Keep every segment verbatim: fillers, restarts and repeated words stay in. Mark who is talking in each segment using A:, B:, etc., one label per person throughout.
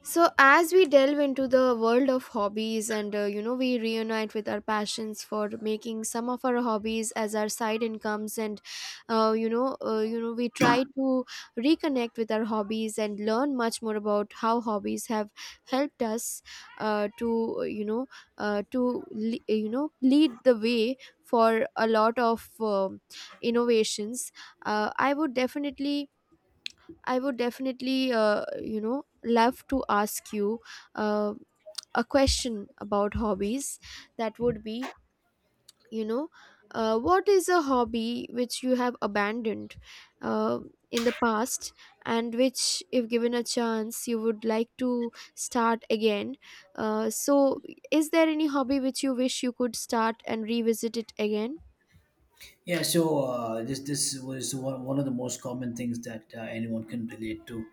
A: So, as we delve into the world of hobbies and uh, you know, we reunite with our passions for making some of our hobbies as our side incomes, and uh, you know, uh, you know, we try to reconnect with our hobbies and learn much more about how hobbies have helped us uh, to uh, you know, uh, to le- you know, lead the way for a lot of um innovations. Uh, I would definitely I would definitely, uh, you know, love to ask you uh, a question about hobbies. That would be, you know, uh, what is a hobby which you have abandoned uh, in the past and which, if given a chance, you would like to start again? Uh, so, is there any hobby which you wish you could start and revisit it again?
B: Yeah, so uh, this this was one, one of the most common things that uh, anyone can relate to,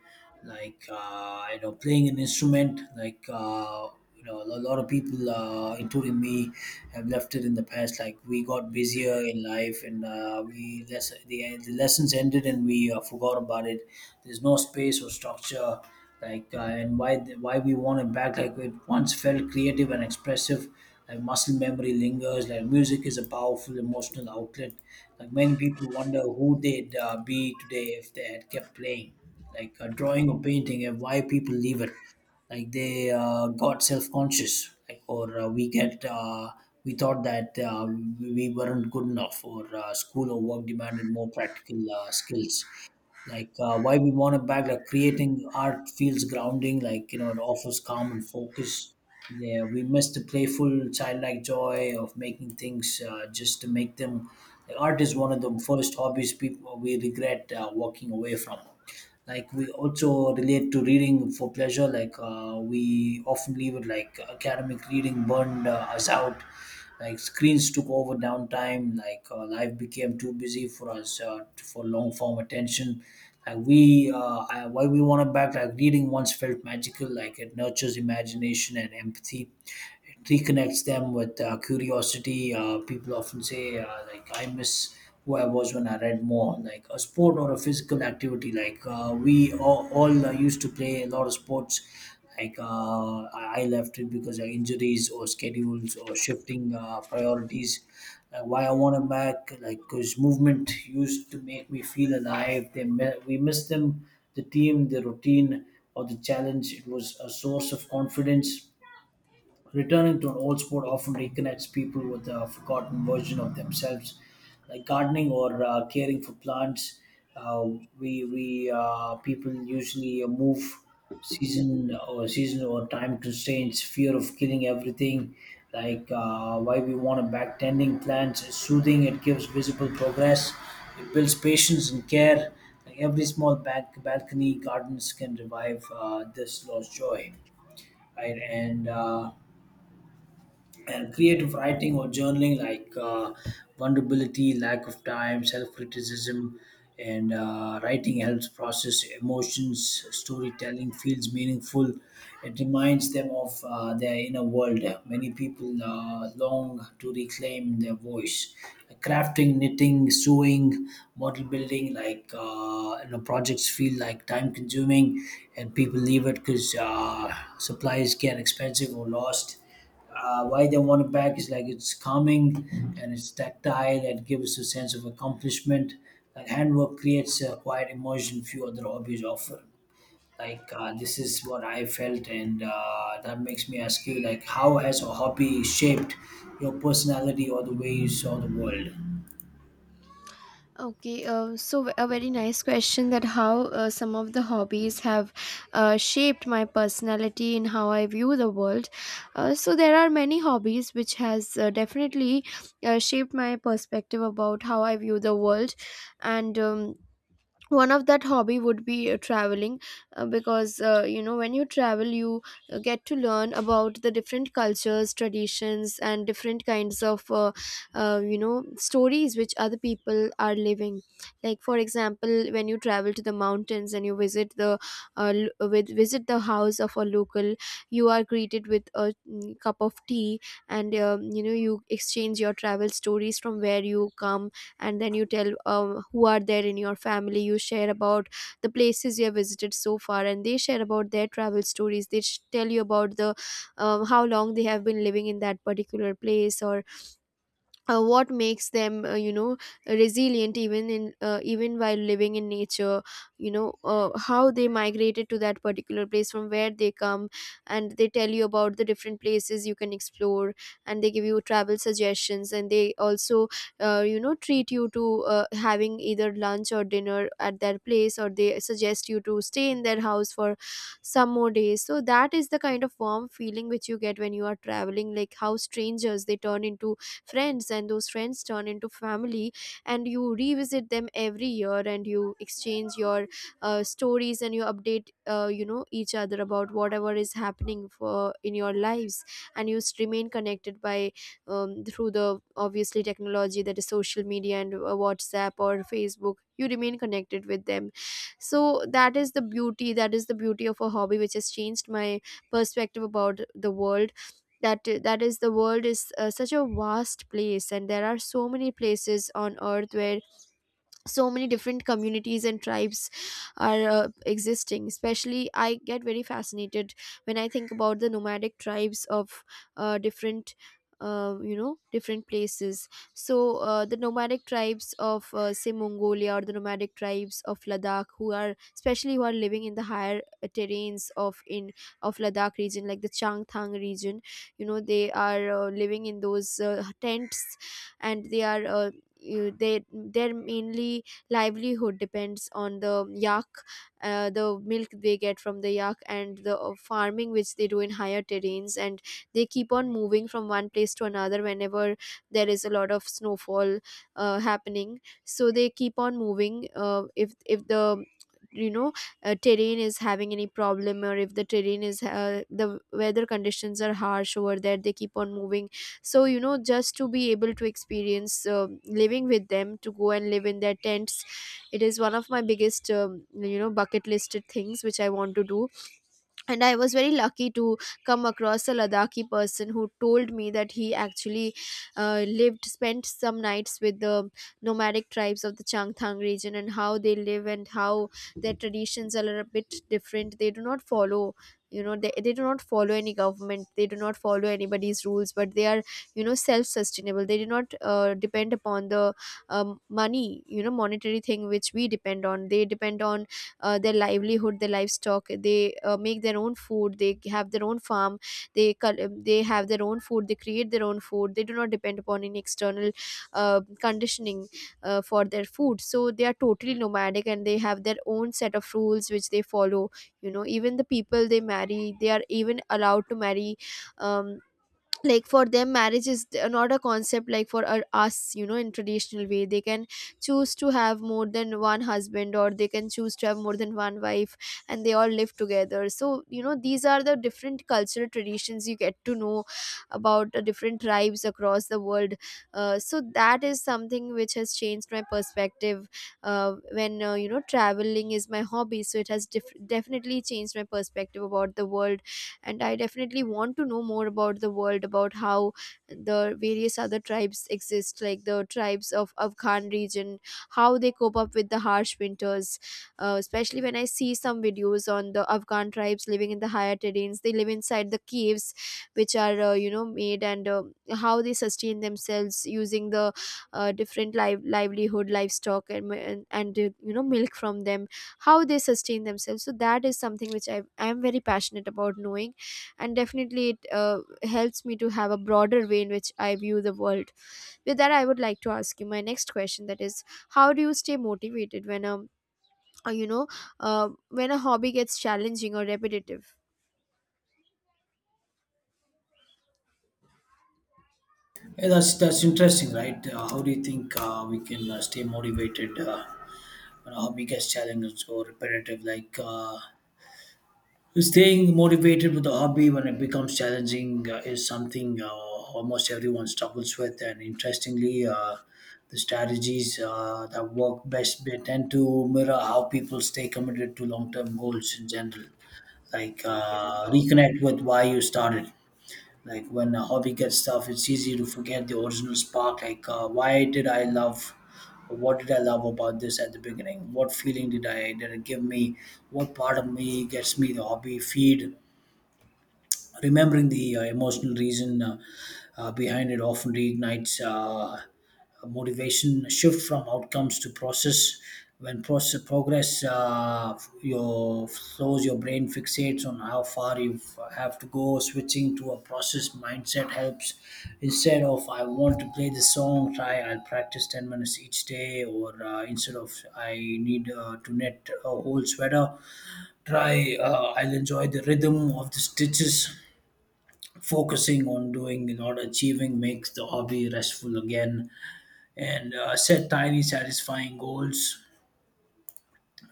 B: like uh, you know playing an instrument. Like uh, you know a lot of people, uh, including me, have left it in the past. Like we got busier in life, and uh, we less the, the lessons ended, and we uh, forgot about it. There's no space or structure. Like uh, and why why we want it back? Like it once felt creative and expressive. Like muscle memory lingers. Like music is a powerful emotional outlet. Like many people wonder who they'd uh, be today if they had kept playing, like uh, drawing or painting. And why people leave it, like they uh, got self-conscious, like or uh, we get uh, we thought that uh, we we weren't good enough, or uh, school or work demanded more practical uh, skills. Like uh, why we want it back, like creating art feels grounding. Like you know it offers calm and focus. Yeah, we miss the playful childlike joy of making things uh, just to make them. Like, art is one of the first hobbies people we regret uh, walking away from. Like we also relate to reading for pleasure. Like uh, we often leave it. Like academic reading burned uh, us out. Like screens took over downtime. Like uh, life became too busy for us uh, for long form attention. Like we uh, I, why we want to back. Like reading once felt magical. Like it nurtures imagination and empathy. It reconnects them with uh, curiosity. Uh, people often say uh, like i miss who I was when I read more, like a sport or a physical activity. Like uh, we all, all uh, used to play a lot of sports. Like uh, I I left it because of injuries or schedules or shifting uh, priorities. Uh, why I want them back, like because movement used to make me feel alive. They mi- we miss them, the team, the routine, or the challenge. It was a source of confidence. Returning to an old sport often reconnects people with a forgotten version of themselves, like gardening or uh, caring for plants. Uh, we we uh, People usually move season or season or time constraints, fear of killing everything. Like uh, why we want to back, tending plants is soothing. It gives visible progress. It builds patience and care. Like every small back balcony gardens can revive uh, this lost joy, right? And uh, and creative writing or journaling, like uh, vulnerability, lack of time, self-criticism. And uh, writing helps process emotions. Storytelling feels meaningful. It reminds them of uh, their inner world. Many people uh, long to reclaim their voice. Crafting, knitting, sewing, model building, like uh, you know projects feel like time consuming. And people leave it because uh, supplies get expensive or lost. Uh, why they want it back is, like it's calming, and it's tactile and gives a sense of accomplishment. Like handwork creates a quiet emotion few other hobbies offer. Like uh, this is what I felt, and uh, that makes me ask you, like, how has a hobby shaped your personality or the way you saw the world?
A: Okay, uh, so a very nice question, that how uh, some of the hobbies have uh, shaped my personality and how I view the world. Uh, so there are many hobbies which has uh, definitely uh, shaped my perspective about how I view the world, and um, one of that hobby would be uh, traveling, uh, because uh, you know, when you travel you uh, get to learn about the different cultures, traditions and different kinds of uh, uh, you know, stories which other people are living. Like for example, when you travel to the mountains and you visit the uh, l- with visit the house of a local, you are greeted with a mm, cup of tea, and um, you know, you exchange your travel stories from where you come, and then you tell um, who are there in your family, you share about the places you have visited so far, and they share about their travel stories, they sh- tell you about the um, how long they have been living in that particular place, or uh, what makes them uh, you know, resilient, even in uh, even while living in nature, you know, uh, how they migrated to that particular place from where they come, and they tell you about the different places you can explore, and they give you travel suggestions, and they also uh, you know treat you to uh, having either lunch or dinner at their place, or they suggest you to stay in their house for some more days. So that is the kind of warm feeling which you get when you are traveling, like how strangers, they turn into friends, and those friends turn into family, and you revisit them every year, and you exchange your uh, stories, and you update uh, you know each other about whatever is happening for in your lives, and you s- remain connected by um, through the obviously technology, that is social media and uh, WhatsApp or Facebook, you remain connected with them. So that is the beauty that is the beauty of a hobby which has changed my perspective about the world. That that is the world is uh, such a vast place, and there are so many places on earth where so many different communities and tribes are uh, existing. Especially I get very fascinated when I think about the nomadic tribes of uh, different uh, you know different places. So uh, the nomadic tribes of uh, say Mongolia, or the nomadic tribes of Ladakh, who are especially, who are living in the higher uh, terrains of in of Ladakh region, like the Changthang region. You know, they are uh, living in those uh, tents, and they are uh, you, they their mainly livelihood depends on the yak, uh, the milk they get from the yak, and the uh, farming which they do in higher terrains, and they keep on moving from one place to another whenever there is a lot of snowfall uh, happening. So they keep on moving, uh, if if the, you know, uh, terrain is having any problem, or if the terrain is uh, the weather conditions are harsh over there, they keep on moving. So you know, just to be able to experience um living with them, to go and live in their tents, it is one of my biggest um, you know bucket listed things which I want to do. And I was very lucky to come across a Ladakhi person who told me that he actually uh, lived spent some nights with the nomadic tribes of the Changthang region, and how they live, and how their traditions are a bit different. They do not follow, you know, they, they do not follow any government, they do not follow anybody's rules, but they are, you know, self-sustainable. They do not uh, depend upon the um, money, you know, monetary thing which we depend on. They depend on uh, their livelihood, their livestock. They uh, make their own food, they have their own farm, they col- they have their own food, they create their own food. They do not depend upon any external uh, conditioning uh, for their food. So they are totally nomadic, and they have their own set of rules which they follow. You know, even the people they marry, they are even allowed to marry um, like for them marriage is th- not a concept like for our, us, you know, in traditional way. They can choose to have more than one husband, or they can choose to have more than one wife, and they all live together. So you know, these are the different cultural traditions you get to know about the different tribes across the world. Uh, so that is something which has changed my perspective uh, when uh, you know, traveling is my hobby, so it has def- definitely changed my perspective about the world. And I definitely want to know more about the world, about how the various other tribes exist, like the tribes of Afghan region, how they cope up with the harsh winters, uh, especially when I see some videos on the Afghan tribes living in the higher terrains. They live inside the caves, which are uh, you know made, and uh, how they sustain themselves using the uh, different live livelihood, livestock, and, mi- and and uh, you know, milk from them, how they sustain themselves. So that is something which i i am very passionate about knowing, and definitely it uh, helps me to have a broader way in which I view the world. With that, I would like to ask you my next question, that is, how do you stay motivated when um uh, you know uh, when a hobby gets challenging or repetitive?
B: Yeah, that's that's interesting, right? Uh, how do you think uh, we can uh, stay motivated uh, when a hobby gets challenged or repetitive? Like. Uh, Staying motivated with a hobby when it becomes challenging uh, is something uh, almost everyone struggles with, and interestingly, uh, the strategies uh, that work best, they tend to mirror how people stay committed to long-term goals in general. Like uh, reconnect with why you started. Like when a hobby gets tough, it's easy to forget the original spark. Like, uh, why did I love? What did I love about this at the beginning? What feeling did I did it give me? What part of me gets me the hobby feed? Remembering the uh, emotional reason uh, uh, behind it often reignites uh, a motivation, a shift from outcomes to process. When process progress, uh, your flows, your brain fixates on how far you have to go. Switching to a process mindset helps. Instead of I want to play this song, try I'll practice ten minutes each day, or uh, instead of I need uh, to knit a whole sweater, try uh, I'll enjoy the rhythm of the stitches, focusing on doing, not achieving, makes the hobby restful again. And uh, set tiny, satisfying goals,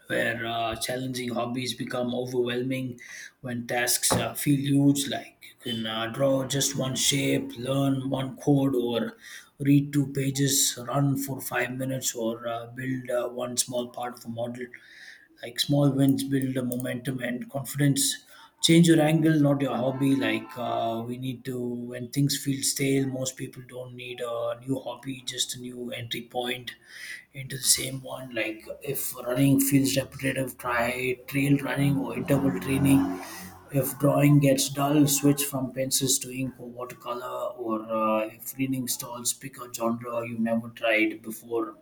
B: where uh, challenging hobbies become overwhelming when tasks uh, feel huge, like you can uh, draw just one shape, learn one code, or read two pages, run for five minutes, or uh, build uh, one small part of a model. Like small wins build a momentum and confidence. Change your angle, not your hobby. Like uh, we need to, when things feel stale, most people don't need a new hobby, just a new entry point into the same one. Like if running feels repetitive, try trail running or interval training. If drawing gets dull, switch from pencils to ink or watercolor. Or uh, if reading stalls, pick a genre you never tried before,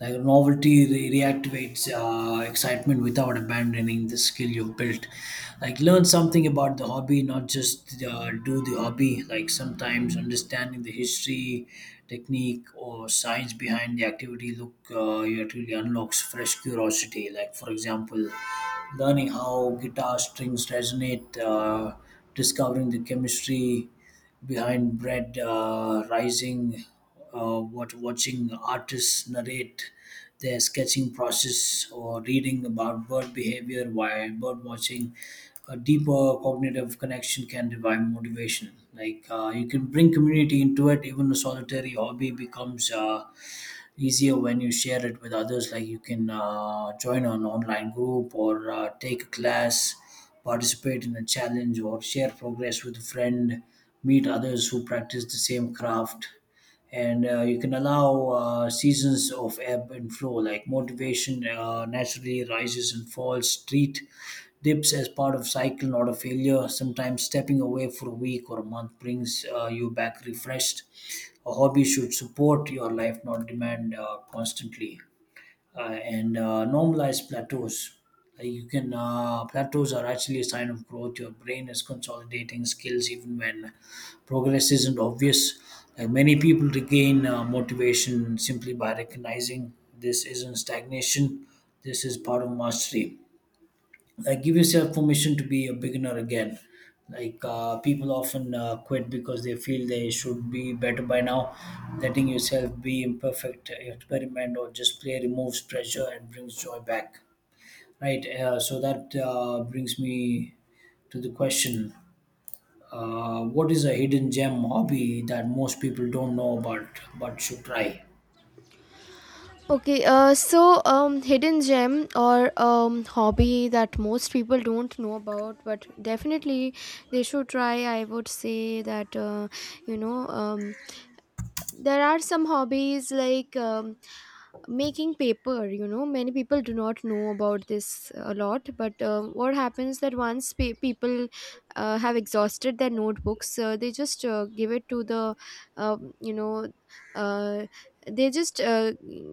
B: like novelty re- reactivates uh, excitement without abandoning the skill you've built. Like learn something about the hobby, not just uh, do the hobby. Like sometimes understanding the history, technique, or science behind the activity, look, uh, it really unlocks fresh curiosity. Like for example, learning how guitar strings resonate, uh, discovering the chemistry behind bread uh, rising, uh, what watching artists narrate their sketching process, or reading about bird behavior while bird watching. A deeper cognitive connection can revive motivation. Like uh, you can bring community into it. Even a solitary hobby becomes Uh, easier when you share it with others, like you can uh, join an online group, or uh, take a class, participate in a challenge, or share progress with a friend, meet others who practice the same craft. And uh, you can allow uh, seasons of ebb and flow, like motivation uh, naturally rises and falls. Treat dips as part of cycle, not a failure. Sometimes stepping away for a week or a month brings uh, you back refreshed. A hobby should support your life, not demand uh, constantly. Uh, and uh, Normalize plateaus. Uh, you can uh, Plateaus are actually a sign of growth. Your brain is consolidating skills even when progress isn't obvious. Like many people regain uh, motivation simply by recognizing, this isn't stagnation, this is part of mastery. Like give yourself permission to be a beginner again. Like uh, people often uh, quit because they feel they should be better by now. Letting yourself be imperfect, uh, experiment, or just play, removes pressure and brings joy back, right? Uh, so that uh, brings me to the question, uh, what is a hidden gem hobby that most people don't know about but should try?
A: Okay, uh, so um, hidden gem or um, hobby that most people don't know about, but definitely they should try. I would say that uh, you know um, there are some hobbies like um, making paper. You know, many people do not know about this a lot, but um, what happens that once pe- people uh, have exhausted their notebooks, uh, they just uh, give it to the um, you know uh, they just uh,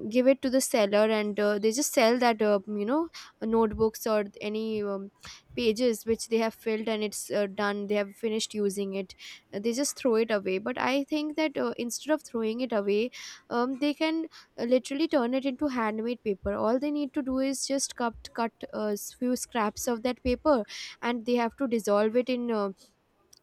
A: give it to the seller, and uh, they just sell that, uh, you know notebooks or any um, pages which they have filled, and it's uh, done, they have finished using it, they just throw it away. But I think that uh, instead of throwing it away, um, they can uh, literally turn it into handmade paper. All they need to do is just cut cut a few scraps of that paper, and they have to dissolve it in uh,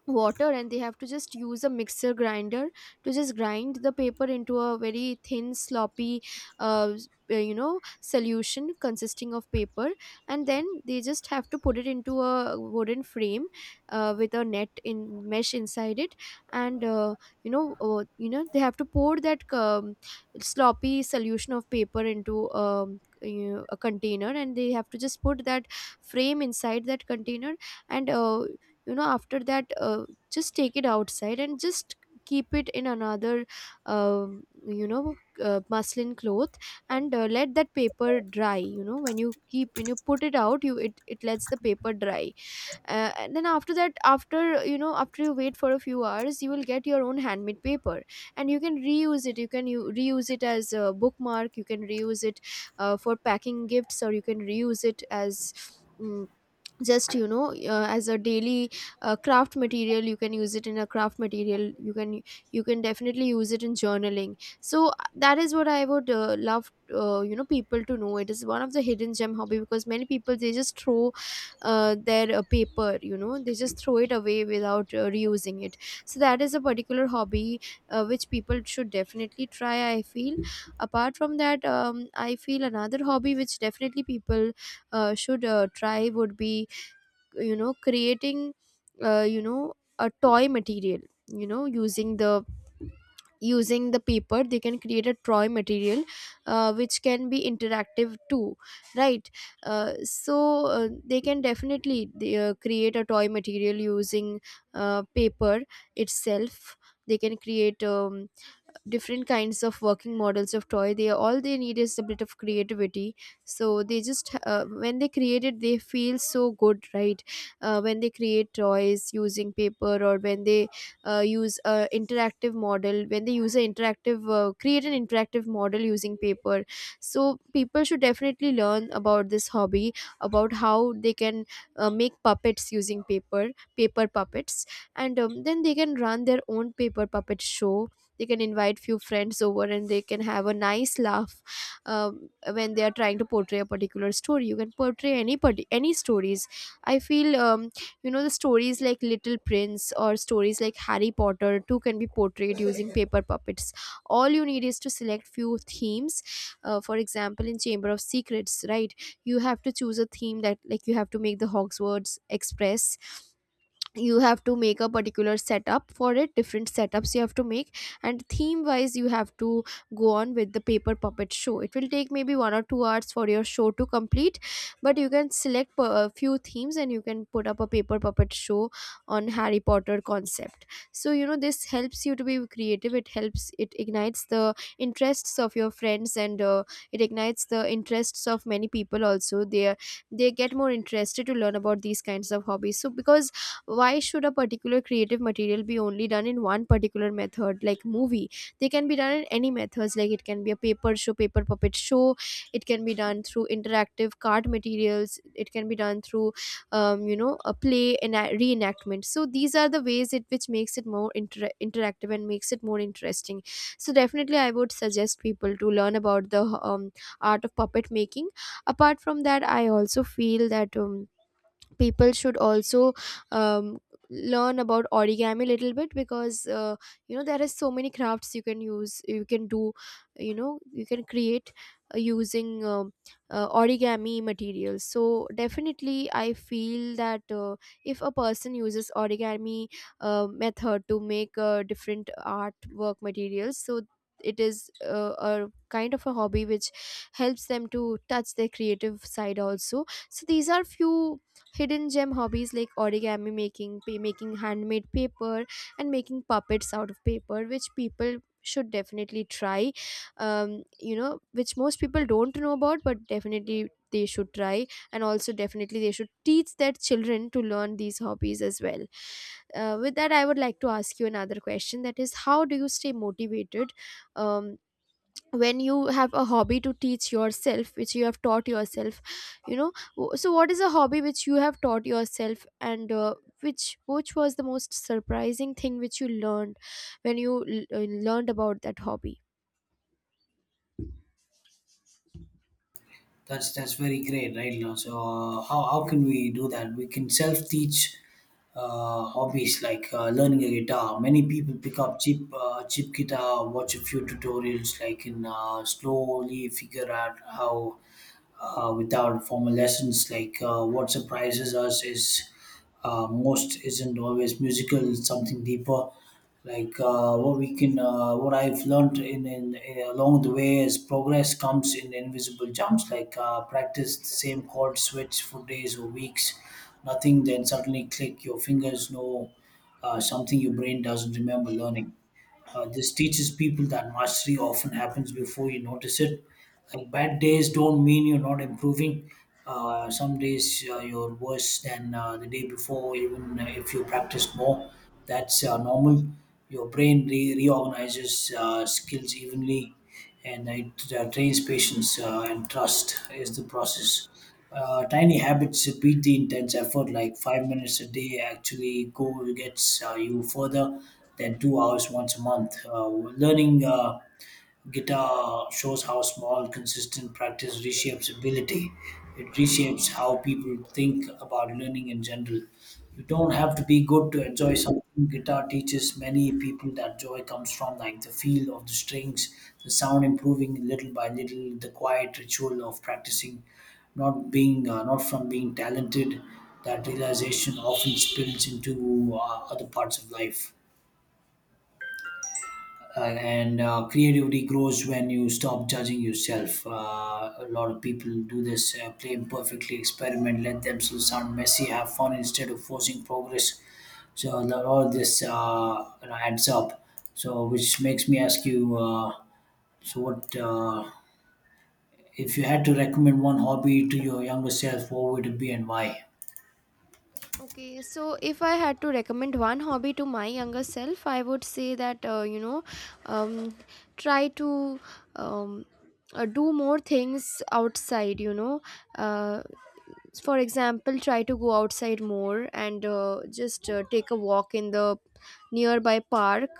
A: water, and they have to just use a mixer grinder to just grind the paper into a very thin, sloppy uh, s- uh, you know solution consisting of paper, and then they just have to put it into a wooden frame uh, with a net in mesh inside it, and uh, you know uh, you know they have to pour that um, sloppy solution of paper into um, you know, a container, and they have to just put that frame inside that container, and uh, you know after that, uh, just take it outside and just keep it in another um you know uh, muslin cloth, and uh, let that paper dry. You know, when you keep, when you put it out, you it, it lets the paper dry. Uh, and then after that, after, you know, after you wait for a few hours, you will get your own handmade paper, and you can reuse it, you can u- reuse it as a bookmark, you can reuse it uh, for packing gifts, or you can reuse it as mm, just, you know, uh, as a daily uh, craft material. You can use it in a craft material, you can, you can definitely use it in journaling. So uh, that is what I would uh, love, uh, you know people to know. It is one of the hidden gem hobby, because many people they just throw uh, their uh, paper, you know, they just throw it away without uh, reusing it. So that is a particular hobby uh, which people should definitely try, I feel. Apart from that, um, I feel another hobby which definitely people uh, should uh, try would be you know creating uh, you know a toy material you know using the using the paper. They can create a toy material uh, which can be interactive too, right. Uh, so uh, they can definitely they, uh, create a toy material using uh, paper itself. They can create um, different kinds of working models of toy. They All they need is a bit of creativity. So they just uh, when they create it, they feel so good, right. Uh, when they create toys using paper, or when they uh, use a interactive model, when they use an interactive uh, create an interactive model using paper. So people should definitely learn about this hobby, about how they can uh, make puppets using paper, paper puppets. And um, then they can run their own paper puppet show. They can invite few friends over and they can have a nice laugh um, when they are trying to portray a particular story. You can portray any parti- any stories, I feel. Um, you know the stories like Little Prince, or stories like Harry Potter too, can be portrayed using paper puppets. All you need is to select few themes. Uh, for example, in Chamber of Secrets, right, you have to choose a theme, that like, you have to make the Hogwarts Express. You have to make a particular setup for it, different setups you have to make, and theme wise you have to go on with the paper puppet show. It will take maybe one or two hours for your show to complete, but you can select p- a few themes and you can put up a paper puppet show on Harry Potter concept. So you know this helps you to be creative, it helps, it ignites the interests of your friends, and uh, it ignites the interests of many people also. They are- they get more interested to learn about these kinds of hobbies, so because why should a particular creative material be only done in one particular method, like movie? They can be done in any methods, like it can be a paper show, paper puppet show. It can be done through interactive card materials, it can be done through um, you know a play and a reenactment. So these are the ways it which makes it more inter- interactive and makes it more interesting. So definitely I would suggest people to learn about the um, art of puppet making. Apart from that, I also feel that um, people should also um, learn about origami a little bit, because uh, you know there are so many crafts you can use, you can do, you know you can create uh, using um uh, origami materials. So definitely I feel that uh, if a person uses origami uh, method to make uh, different artwork materials, so it is uh, a kind of a hobby which helps them to touch their creative side also. So these are few hidden gem hobbies, like origami making, pa- making handmade paper, and making puppets out of paper, which people should definitely try. Um, you know, which most people don't know about, but definitely they should try, and also definitely they should teach their children to learn these hobbies as well. Uh, with that, I would like to ask you another question, that is, how do you stay motivated um, when you have a hobby to teach yourself, which you have taught yourself? you know w- so what is a hobby which you have taught yourself, and uh, which which was the most surprising thing which you learned when you l- uh, learned about that hobby?
B: That's that's very great, right now. So uh, how how can we do that? We can self teach uh, hobbies like uh, learning a guitar. Many people pick up cheap uh, cheap guitar, watch a few tutorials, like, and uh, slowly figure out how uh, without formal lessons. Like uh, what surprises us is, uh, most isn't always musical; it's something deeper. Like uh, what we can, uh, what I've learned in, in, in- along the way is, progress comes in invisible jumps. Like uh, practice the same chord switch for days or weeks, nothing. Then suddenly, click, your fingers know uh, something your brain doesn't remember learning. Uh, this teaches people that mastery often happens before you notice it. Like bad days don't mean you're not improving. Uh, some days uh, you're worse than uh, the day before, even if you practiced more. That's uh, normal. Your brain re- reorganizes uh, skills evenly, and it uh, trains patience uh, and trust is the process. Uh, tiny habits beat the intense effort, like five minutes a day actually go gets uh, you further than two hours once a month. Uh, learning. Uh, guitar shows how small, consistent practice reshapes ability. It reshapes how people think about learning in general. You don't have to be good to enjoy something. Guitar teaches many people that joy comes from, like the feel of the strings, the sound improving little by little, the quiet ritual of practicing, not being, uh, not from being talented. That realization often spills into uh, other parts of life, uh, and uh, creativity grows when you stop judging yourself. Uh, a lot of people do this, uh, play imperfectly, experiment, let themselves sound messy, have fun instead of forcing progress. So a lot of this uh, you know, adds up. So which makes me ask you, uh, so what uh, if you had to recommend one hobby to your younger self, what would it be and why?
A: Okay, so if I had to recommend one hobby to my younger self, I would say that uh, you know, um, try to um, uh, do more things outside. You know, uh, for example, try to go outside more and uh, just uh, take a walk in the nearby park,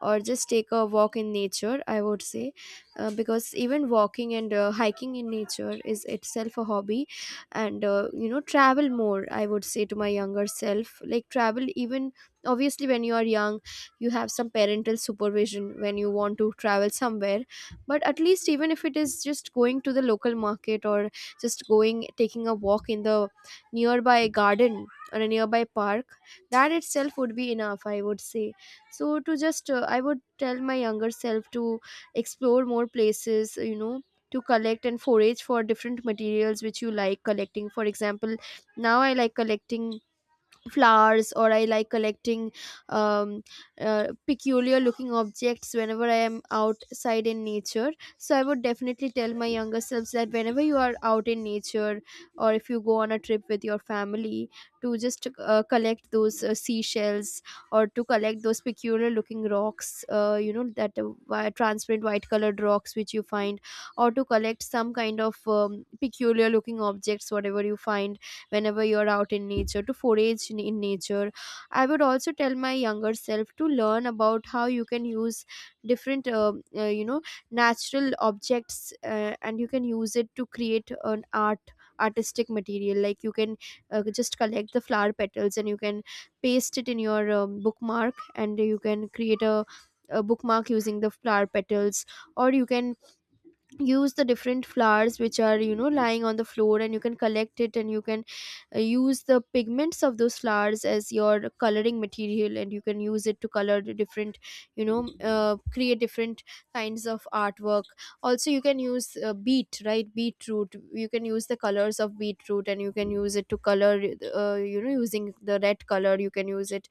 A: or just take a walk in nature, I would say, uh, because even walking and uh, hiking in nature is itself a hobby. And uh, you know travel more, I would say to my younger self, like, travel. Even obviously when you are young, you have some parental supervision when you want to travel somewhere, but at least, even if it is just going to the local market, or just going, taking a walk in the nearby garden, or a nearby park, that itself would be enough, I would say. So to just uh, I would tell my younger self to explore more places, you know to collect and forage for different materials which you like collecting. For example, now I like collecting flowers, or I like collecting um, uh, peculiar looking objects whenever I am outside in nature. So I would definitely tell my younger selves that whenever you are out in nature, or if you go on a trip with your family, to just uh, collect those uh, seashells, or to collect those peculiar looking rocks, uh, you know that uh, wi- transparent white colored rocks which you find, or to collect some kind of um, peculiar looking objects, whatever you find whenever you're out in nature, to forage in in nature. I would also tell my younger self to learn about how you can use different, uh, uh, you know, natural objects, uh, and you can use it to create an art artistic material. Like you can uh, just collect the flower petals and you can paste it in your um, bookmark, and you can create a, a bookmark using the flower petals. Or you can use the different flowers which are, you know lying on the floor, and you can collect it, and you can uh, use the pigments of those flowers as your coloring material, and you can use it to color the different, you know uh, create different kinds of artwork. Also, you can use uh, beet right beetroot. You can use the colors of beetroot and you can use it to color, uh, you know using the red color you can use it,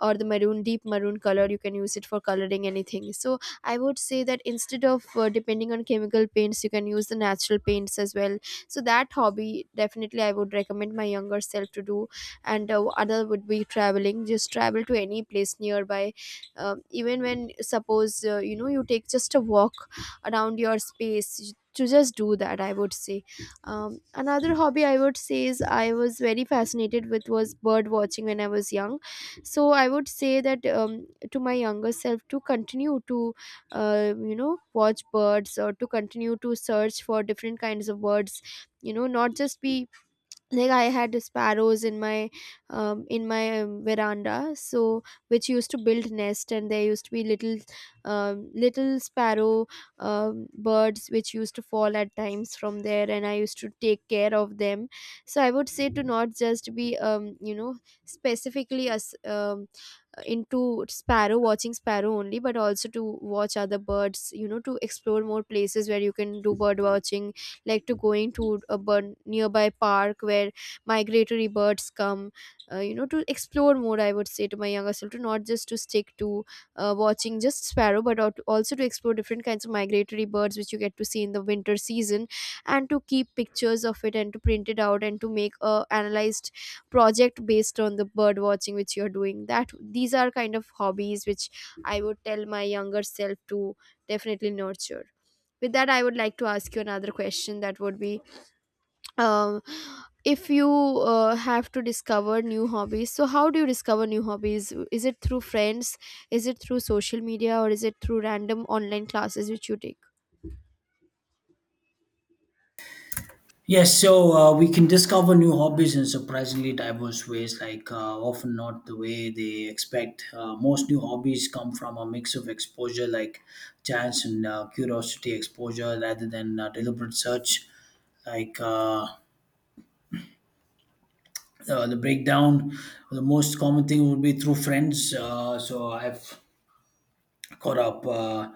A: or the maroon, deep maroon color you can use it for coloring anything. So I would say that instead of uh, depending on chemical paints, you can use the natural paints as well. So that hobby definitely I would recommend my younger self to do. And uh, other would be traveling, just travel to any place nearby. Um, even when, suppose uh, you know you take just a walk around your space, to just do that, I would say. Um, another hobby I would say is, I was very fascinated with was bird watching when I was young. So I would say that, um, to my younger self, to continue to uh, you know watch birds, or to continue to search for different kinds of birds, you know not just be, like, I had sparrows in my um, in my um, veranda, so, which used to build nest, and there used to be little um, little sparrow um, birds which used to fall at times from there, and I used to take care of them. So I would say to not just be um, you know specifically as, um, into sparrow watching sparrow only, but also to watch other birds, you know to explore more places where you can do bird watching, like to going to a bird nearby park where migratory birds come. Uh, you know to explore more, I would say to my younger self, to not just to stick to uh, watching just sparrow, but al- also to explore different kinds of migratory birds which you get to see in the winter season, and to keep pictures of it, and to print it out, and to make a analyzed project based on the bird watching which you're doing. That these are kind of hobbies which I would tell my younger self to definitely nurture. With that, I would like to ask you another question, that would be, um, if you uh, have to discover new hobbies, so how do you discover new hobbies? Is it through friends, is it through social media, or is it through random online classes which you take?
B: Yes, so uh, we can discover new hobbies in surprisingly diverse ways, like uh, often not the way they expect. Uh, most new hobbies come from a mix of exposure, like chance and uh, curiosity exposure, rather than uh, deliberate search. Like uh, uh, the breakdown, the most common thing would be through friends. Uh, so I've caught up. Uh,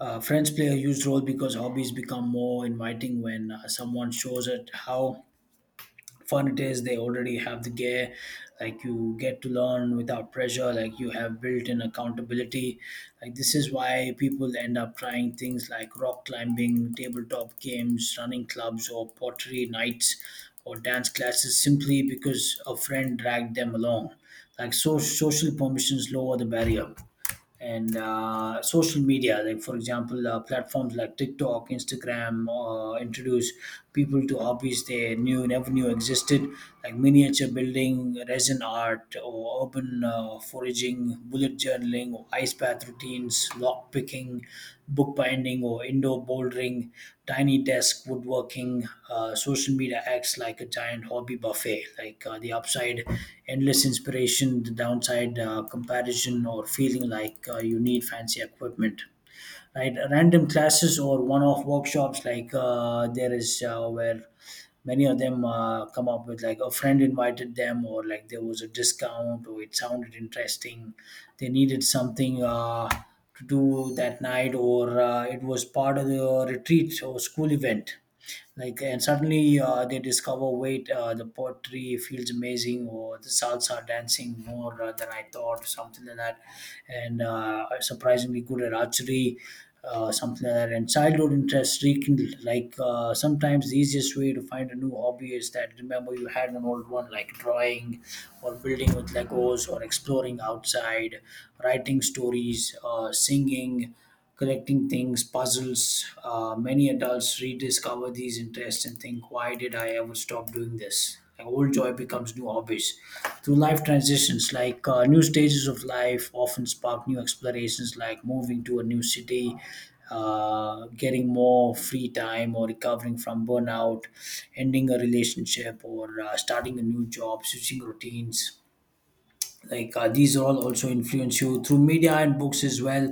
B: uh, Friends play a huge role because hobbies become more inviting when uh, someone shows it how fun it is, they already have the gear, like you get to learn without pressure, like you have built-in accountability. Like this is why people end up trying things like rock climbing, tabletop games, running clubs, or pottery nights, or dance classes, simply because a friend dragged them along. Like so social permissions lower the barrier. And uh, social media, like for example uh, platforms like TikTok, Instagram, uh, introduce people to hobbies they knew never knew existed, like miniature building, resin art, or urban uh, foraging, bullet journaling, or ice bath routine routines, lock picking, bookbinding, or indoor bouldering, tiny desk woodworking. Uh, social media acts like a giant hobby buffet. Like uh, the upside, endless inspiration. The downside, uh, comparison, or feeling like uh, you need fancy equipment, right? Random classes or one-off workshops, like uh, there is uh, where many of them uh, come up with, like a friend invited them, or like there was a discount, or it sounded interesting, they needed something uh, to do that night, or uh, it was part of the retreat or school event. Like and suddenly uh, they discover, wait, uh, the pottery feels amazing, or the salsa dancing more uh, than I thought, something like that. And uh, are surprisingly good at archery, uh, something like that. And childhood interests rekindled, like uh, sometimes the easiest way to find a new hobby is that, remember you had an old one, like drawing, or building with legos, or exploring outside, writing stories, uh, singing, connecting things, puzzles. Uh, many adults rediscover these interests and think, why did I ever stop doing this? Like old joy becomes new hobbies. Through life transitions, like uh, new stages of life, often spark new explorations, like moving to a new city, uh, getting more free time, or recovering from burnout, ending a relationship, or uh, starting a new job, switching routines. Like uh, these all also influence you through media and books as well.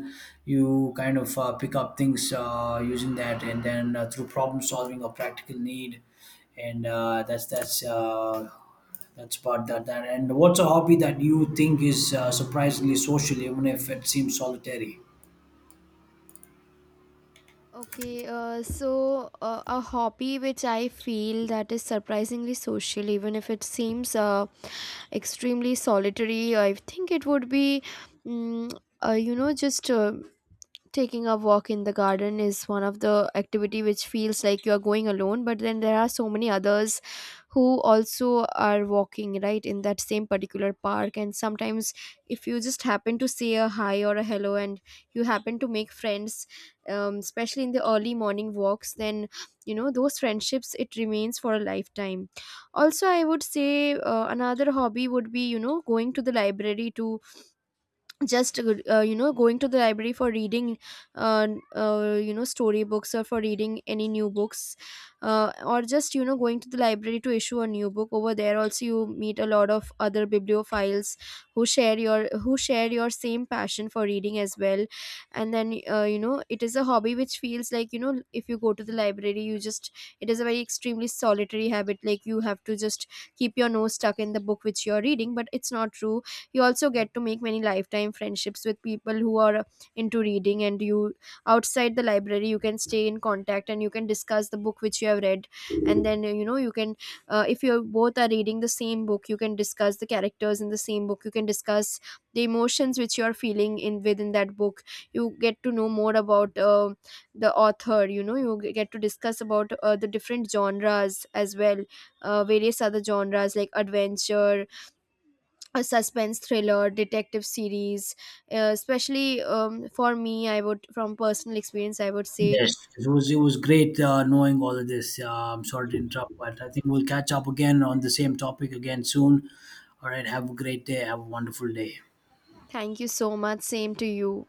B: You kind of uh, pick up things uh, using that. And then uh, through problem solving or practical need, and uh, that's that's uh, that's about that, that and what's a hobby that you think is uh, surprisingly social even if it seems solitary?
A: Okay, uh, so uh, a hobby which I feel that is surprisingly social, even if it seems uh, extremely solitary, I think it would be, mm uh, you know, just uh, taking a walk in the garden is one of the activity which feels like you are going alone, but then there are so many others who also are walking right in that same particular park. And sometimes, if you just happen to say a hi or a hello, and you happen to make friends, um, especially in the early morning walks, then you know those friendships it remains for a lifetime. Also I would say uh, another hobby would be, you know going to the library, to just uh, uh, you know going to the library for reading uh, uh, you know storybooks, or for reading any new books. Uh, or just, you know going to the library to issue a new book. Over there also you meet a lot of other bibliophiles who share your who share your same passion for reading as well. And then uh, you know it is a hobby which feels like, you know if you go to the library you just, it is a very extremely solitary habit, like you have to just keep your nose stuck in the book which you're reading, but it's not true. You also get to make many lifetime friendships with people who are into reading, and you, outside the library, you can stay in contact and you can discuss the book which you have read. And then you know you can, uh, if you both are reading the same book, you can discuss the characters in the same book, you can discuss the emotions which you are feeling in within that book. You get to know more about uh, the author, you know you g- get to discuss about uh, the different genres as well, uh, various other genres like adventure, a suspense thriller, detective series. Uh, especially um, for me, I would, from personal experience, I would say,
B: Yes, it was it was great uh, knowing all of this. uh, I'm sorry to interrupt, but I think we'll catch up again on the same topic again soon. All right, have a great day. Have a wonderful day.
A: thank you so much, same to you.